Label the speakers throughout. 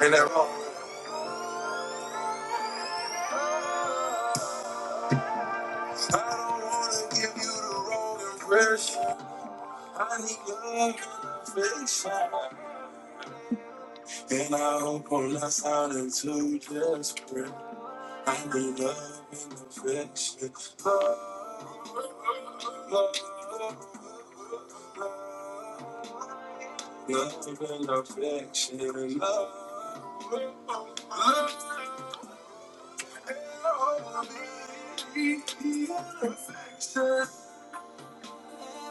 Speaker 1: Ain't that wrong? I don't wanna give you the wrong impression. I need love and affection. And I hope I'm not sounding too desperate. I need love and affection. Love, love, love, love, love and affection. Love, love, love, love and affection.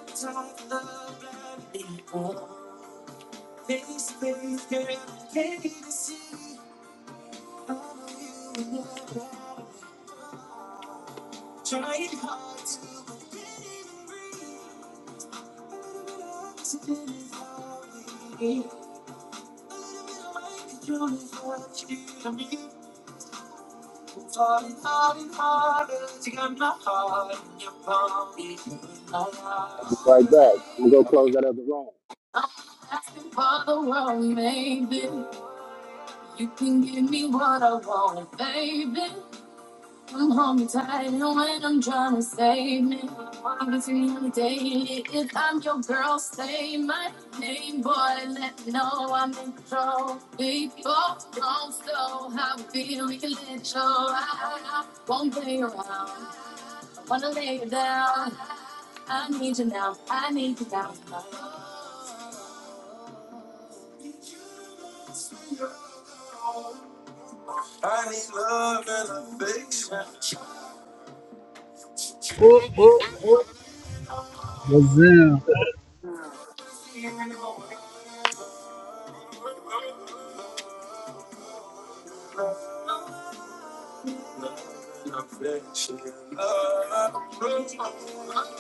Speaker 1: Love, love, love, love, Trying hard to hard and harder to get my heart in your palm.
Speaker 2: I'll be right back. I'm gonna go close that other room.
Speaker 1: I'm asking for the world, maybe you can give me what I want, baby. I'm home tight, and when I'm trying to save me, I'm between on the daily. If I'm your girl, say my name, boy. Let me know I'm in control. Big boss, don't slow. How I feel, we can let you ride. Won't play around. Wanna lay you down. I need you now. I need you now. I need love and affection.
Speaker 3: Whoop, whoop, whoop. Gazelle.
Speaker 1: Love and affection. Love. and affection.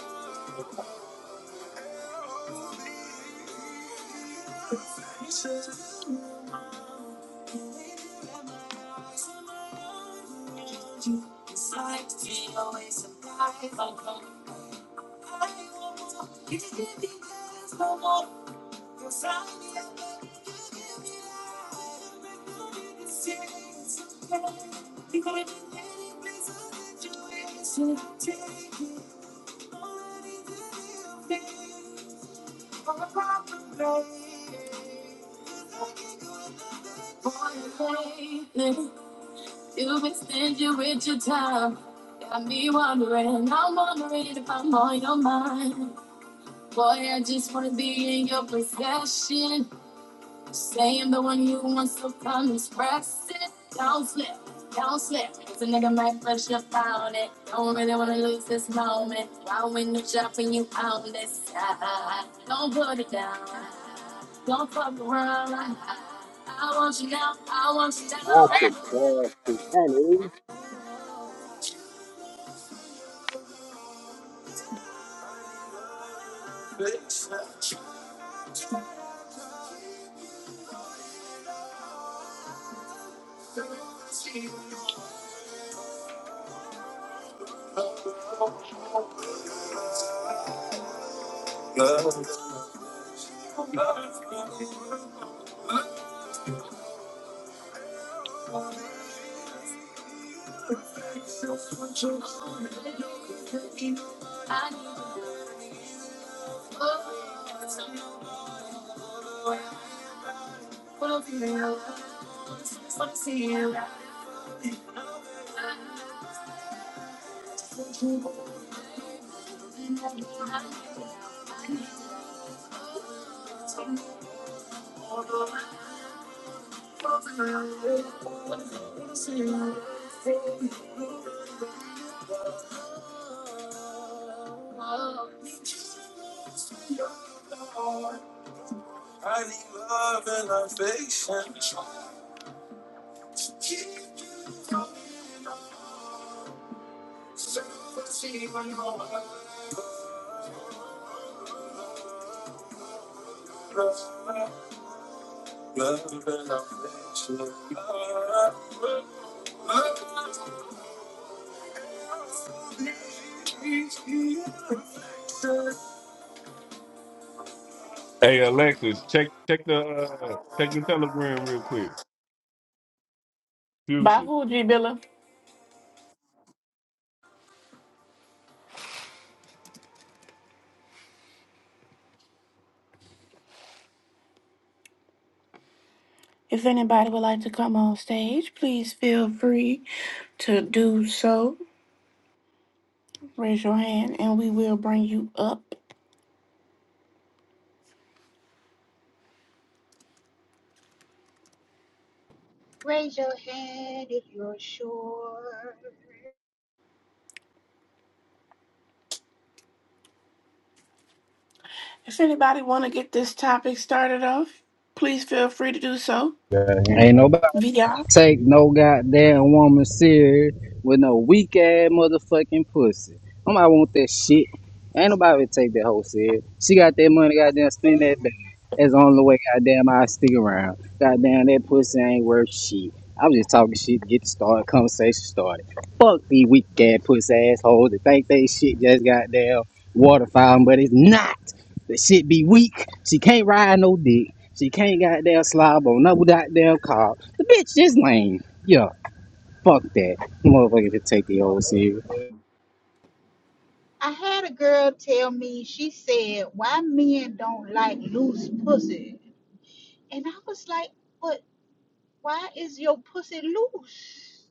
Speaker 1: Boy, lately, you've been stingy with your time. Got me wondering, I'm wondering if I'm on your mind. Boy, I just wanna be in your possession. Saying the one you want to promise, press it. Don't slip, don't slip. Cause a nigga might push your phone it. Don't really wanna lose this moment. Why when you jump and you on this side? Don't put it down. Don't fuck around. I want you now, I want you now.
Speaker 2: Acid, acid, honey.
Speaker 1: Love. I need you. I need you. I need love and affection. Love. By
Speaker 4: Hey Alexis, check check the uh, check your telegram real quick. Future.
Speaker 1: who, G Billa? If anybody would like to come on stage, please feel free to do so. Raise your hand and we will bring you up.
Speaker 5: Raise your hand if you're sure.
Speaker 1: If anybody want to get this topic started off, please feel free to do so.
Speaker 3: Ain't nobody
Speaker 1: VR.
Speaker 3: take no goddamn woman serious with no weak ass motherfucking pussy. Nobody want that shit. Ain't nobody take that hoe serious. She got that money, goddamn, spend that back. That's the only way, goddamn, I stick around. Goddamn, that pussy ain't worth shit. I'm just talking shit to get the start, conversation started. Fuck these weak ass pussy assholes that think they shit just goddamn waterfowl, but it's not. That shit be weak. She can't ride no dick. She can't goddamn slob on no goddamn car. The bitch is lame. Yeah, fuck that. Motherfucker to take the old serious.
Speaker 5: I had a girl tell me, she said, why men don't like loose pussy. And I was like, but why is your pussy loose?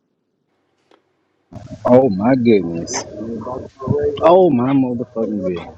Speaker 3: Oh my goodness. Oh my motherfucking goodness.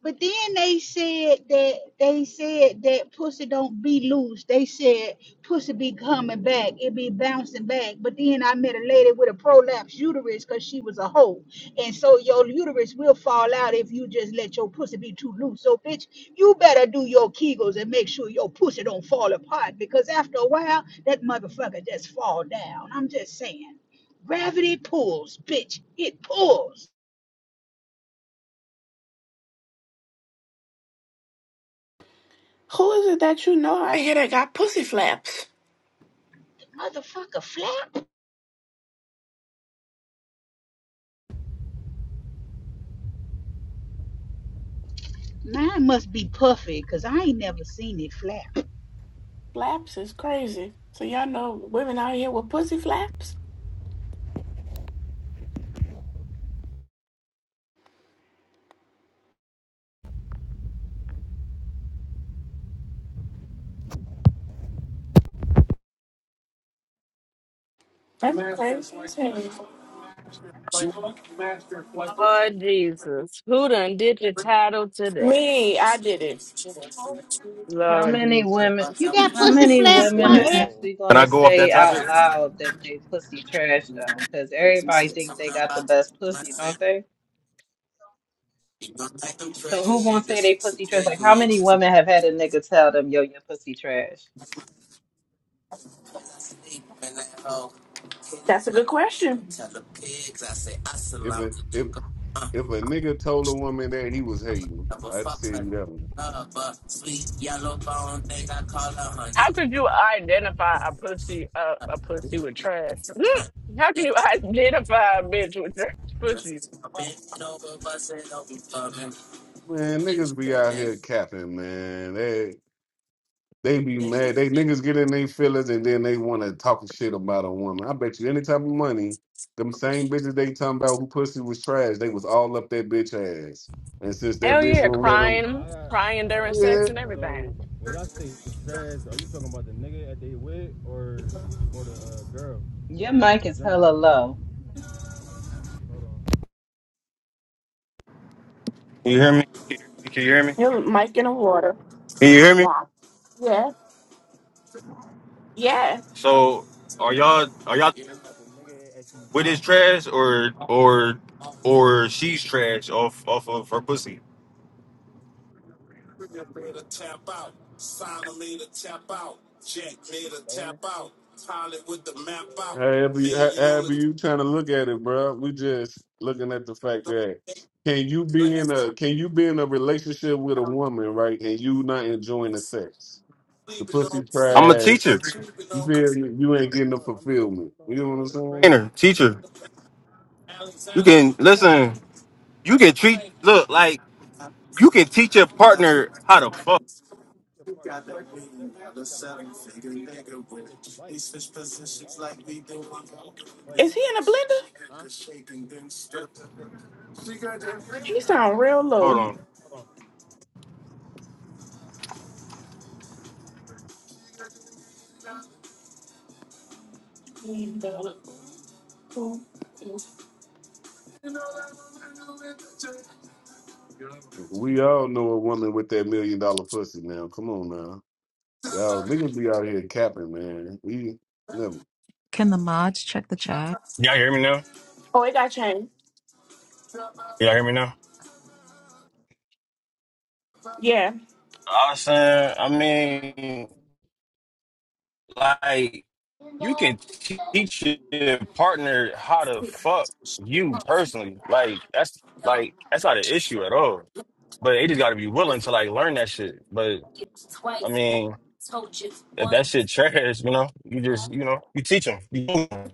Speaker 5: But then they said that they said that pussy don't be loose. They said pussy be coming back, it be bouncing back. But then I met a lady with a prolapsed uterus because she was a hoe, and so your uterus will fall out if you just let your pussy be too loose. So bitch, you better do your kegels and make sure your pussy don't fall apart because after a while that motherfucker just fall down. I'm just saying, gravity pulls, bitch, it pulls,
Speaker 1: Who is it that you know out here that got pussy flaps?
Speaker 5: motherfucker flap. Mine must be puffy because I ain't never seen it flap.
Speaker 1: Flaps is crazy. So y'all know women out here with pussy flaps? That's crazy.
Speaker 6: Lord Jesus, who done did the title to that?
Speaker 1: Me, I did it.
Speaker 7: How
Speaker 6: Lord
Speaker 7: many
Speaker 6: Jesus.
Speaker 7: women,
Speaker 5: You got
Speaker 7: how
Speaker 5: pussy
Speaker 7: many
Speaker 5: flap?
Speaker 7: women are
Speaker 5: What?
Speaker 8: Oh,
Speaker 7: actually
Speaker 8: Can I
Speaker 7: gonna
Speaker 8: go off that
Speaker 7: say
Speaker 8: topic?
Speaker 7: out
Speaker 8: I
Speaker 7: loud that they pussy trash though? Because everybody think they got the best pussy, don't they? So who gonna say they pussy trash? Like how many women have had a nigga tell them, yo, your pussy trash?
Speaker 1: That's a good question.
Speaker 4: If a if if a nigga told a woman that he was hating, I tell you that one.
Speaker 6: How could you identify a pussy uh, a pussy with trash? Hmm. How can you identify a bitch with trash pussies?
Speaker 4: Man, niggas be out here capping, man. They they be mad. They niggas get in their feelings and then they want to talk shit about a woman. I bet you any type of money, them same bitches they talking about who pussy was trash, they was all up that bitch ass. And since that
Speaker 6: Hell
Speaker 4: bitch
Speaker 6: yeah,
Speaker 4: won't let them,
Speaker 6: crying,
Speaker 8: got,
Speaker 6: crying
Speaker 8: I got
Speaker 6: during
Speaker 8: a
Speaker 4: yeah.
Speaker 6: sex and
Speaker 8: question.
Speaker 6: everything.
Speaker 8: So when y'all say trash, are you talking about the nigga that they with, or or the uh, girl?
Speaker 7: Your
Speaker 8: Just
Speaker 7: mic
Speaker 8: in
Speaker 7: is
Speaker 8: general.
Speaker 7: hella low.
Speaker 8: So. Can you hear me? Can you hear me?
Speaker 1: Here's a mic in the water.
Speaker 8: Can you hear me?
Speaker 1: Nah. Yeah. Yeah.
Speaker 8: So are y'all are y'all Talking about the nigga that she with with. his trash or or or she's trash off off of her pussy? Y'all hear me?
Speaker 4: However you, ho- however you trying to look at it, bro. We just looking at the fact that can you be in a can you be in a relationship with a woman, right? And you not enjoying the sex, the pussy
Speaker 8: I'm a
Speaker 4: trash.
Speaker 8: teacher.
Speaker 4: You feel me? you
Speaker 8: I'm a,
Speaker 4: ain't getting
Speaker 8: I'm a, I'm
Speaker 4: the
Speaker 8: a, I'm
Speaker 4: fulfillment.
Speaker 8: a
Speaker 4: You
Speaker 8: uh,
Speaker 4: know what I'm
Speaker 8: trainer.
Speaker 4: saying?
Speaker 8: teacher. You can listen, you can treat look like. You can teach your partner how to fuck.
Speaker 1: Is he in a blender? He sound real
Speaker 8: Hold
Speaker 1: low.
Speaker 8: on.
Speaker 4: We all know a woman with that million dollar pussy. Now, come on now, y'all niggas be out here capping, man. We never.
Speaker 9: Can the mods check the chat?
Speaker 8: Y'all hear me now?
Speaker 1: Oh, it got changed.
Speaker 8: Y'all hear me now?
Speaker 9: Um,
Speaker 1: Yeah.
Speaker 8: I was saying, I mean, like, you can teach your partner how to fuck you personally. Like, that's like that's not an issue at all. But they just gotta be willing to like learn that shit. But I mean. If that shit trash, you know, you just, you know, you teach them. You move 'em.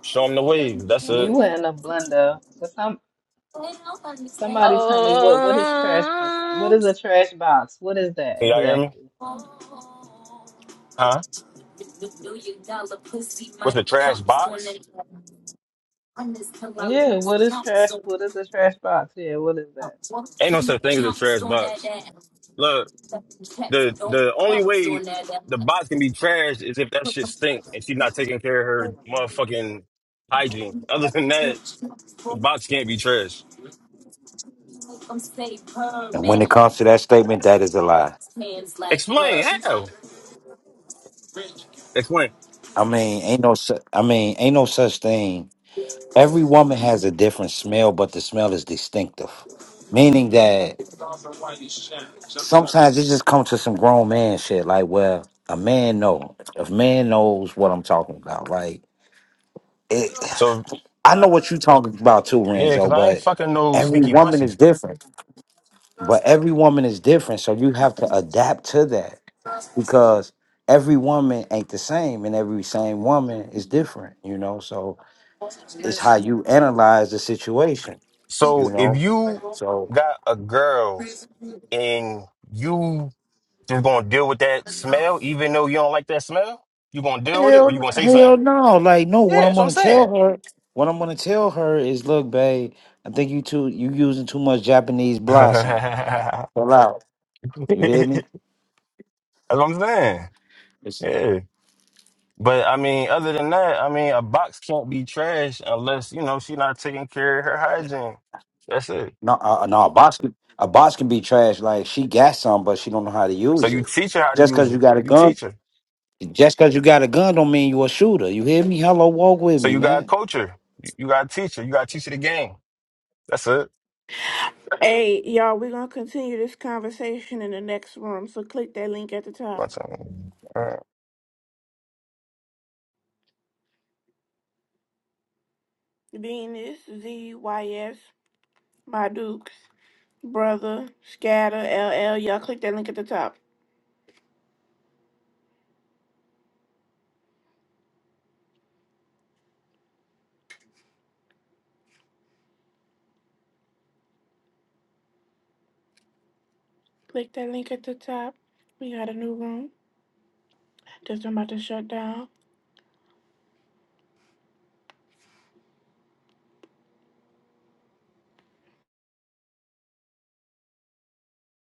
Speaker 8: show them the wave. That's it.
Speaker 7: You were in a blender. So some somebody tell me what what is trash pussy? What
Speaker 6: Oh,
Speaker 7: is a trash box? What is that
Speaker 8: Can y'all hear me?
Speaker 7: exactly?
Speaker 8: Huh? What's the trash box?
Speaker 7: Yeah, what is trash? What is a trash box? Yeah, what is that?
Speaker 8: Ain't no such thing as a trash box. Look, the the only way the box can be trashed is if that shit stink and she's not taking care of her motherfucking hygiene. Other than that, the box can't be trashed.
Speaker 1: Make them say verb
Speaker 10: And when it
Speaker 1: and
Speaker 10: comes to that statement, that is a lie.
Speaker 1: verbs, hands like verb.
Speaker 8: Explain how. Explain.
Speaker 10: I mean, ain't no, su- I mean, ain't no such thing. Every woman has a different smell, but the smell is distinctive, meaning that sometimes it just comes to some grown man shit. Like, well, a man know if man knows what I'm talking about. Like, it,
Speaker 8: So
Speaker 10: I know what you're talking about too,
Speaker 8: yeah,
Speaker 10: Renzo,
Speaker 8: because I ain't
Speaker 10: but
Speaker 8: fucking no
Speaker 10: every
Speaker 8: stinky
Speaker 10: woman is
Speaker 8: pussy.
Speaker 10: different. But every woman is different, so you have to adapt to that. because every woman ain't the same and every same woman is different you know so it's how you analyze the situation you
Speaker 8: So if
Speaker 10: know
Speaker 8: you
Speaker 10: so
Speaker 8: got a girl and you You're gonna deal with that smell, even though you don't like that smell. You gonna deal with it, or you
Speaker 10: hell,
Speaker 8: gonna say something?
Speaker 10: hell no like no what
Speaker 8: Yeah,
Speaker 10: i'm
Speaker 8: that's what I'm
Speaker 10: gonna
Speaker 8: saying.
Speaker 10: tell her what i'm gonna tell her is look babe i think you too you using too much japanese blossom
Speaker 8: that's
Speaker 10: Chill out. you hear me
Speaker 8: what I'm saying.
Speaker 10: it's
Speaker 8: Yeah, but I mean, other than that, I mean, a box can't be trash unless you know she's not taking care of her hygiene. That's it.
Speaker 10: no uh, uh, no a box can, a box can be trash like she got some but she don't know how to
Speaker 8: So
Speaker 10: use
Speaker 8: you
Speaker 10: it
Speaker 8: teach her how to
Speaker 10: just
Speaker 8: use
Speaker 10: because you
Speaker 8: it.
Speaker 10: got a
Speaker 8: You
Speaker 10: gun
Speaker 8: teach her.
Speaker 10: Just because you got a gun don't mean you a shooter. You hear me? Hello, walk with
Speaker 8: So
Speaker 10: me,
Speaker 8: you gotta
Speaker 10: man.
Speaker 8: coach her. You, you gotta teach her. You gotta teach her the game. That's it.
Speaker 1: Hey, y'all, we're going to continue this conversation in the next room. So click that link at the top.
Speaker 8: What's up?
Speaker 1: Venus, ZYS, my Dukes, Brother, Scatter, L L. Y'all click that link at the top. Click that link at the top. We got a new room. Just about to shut down.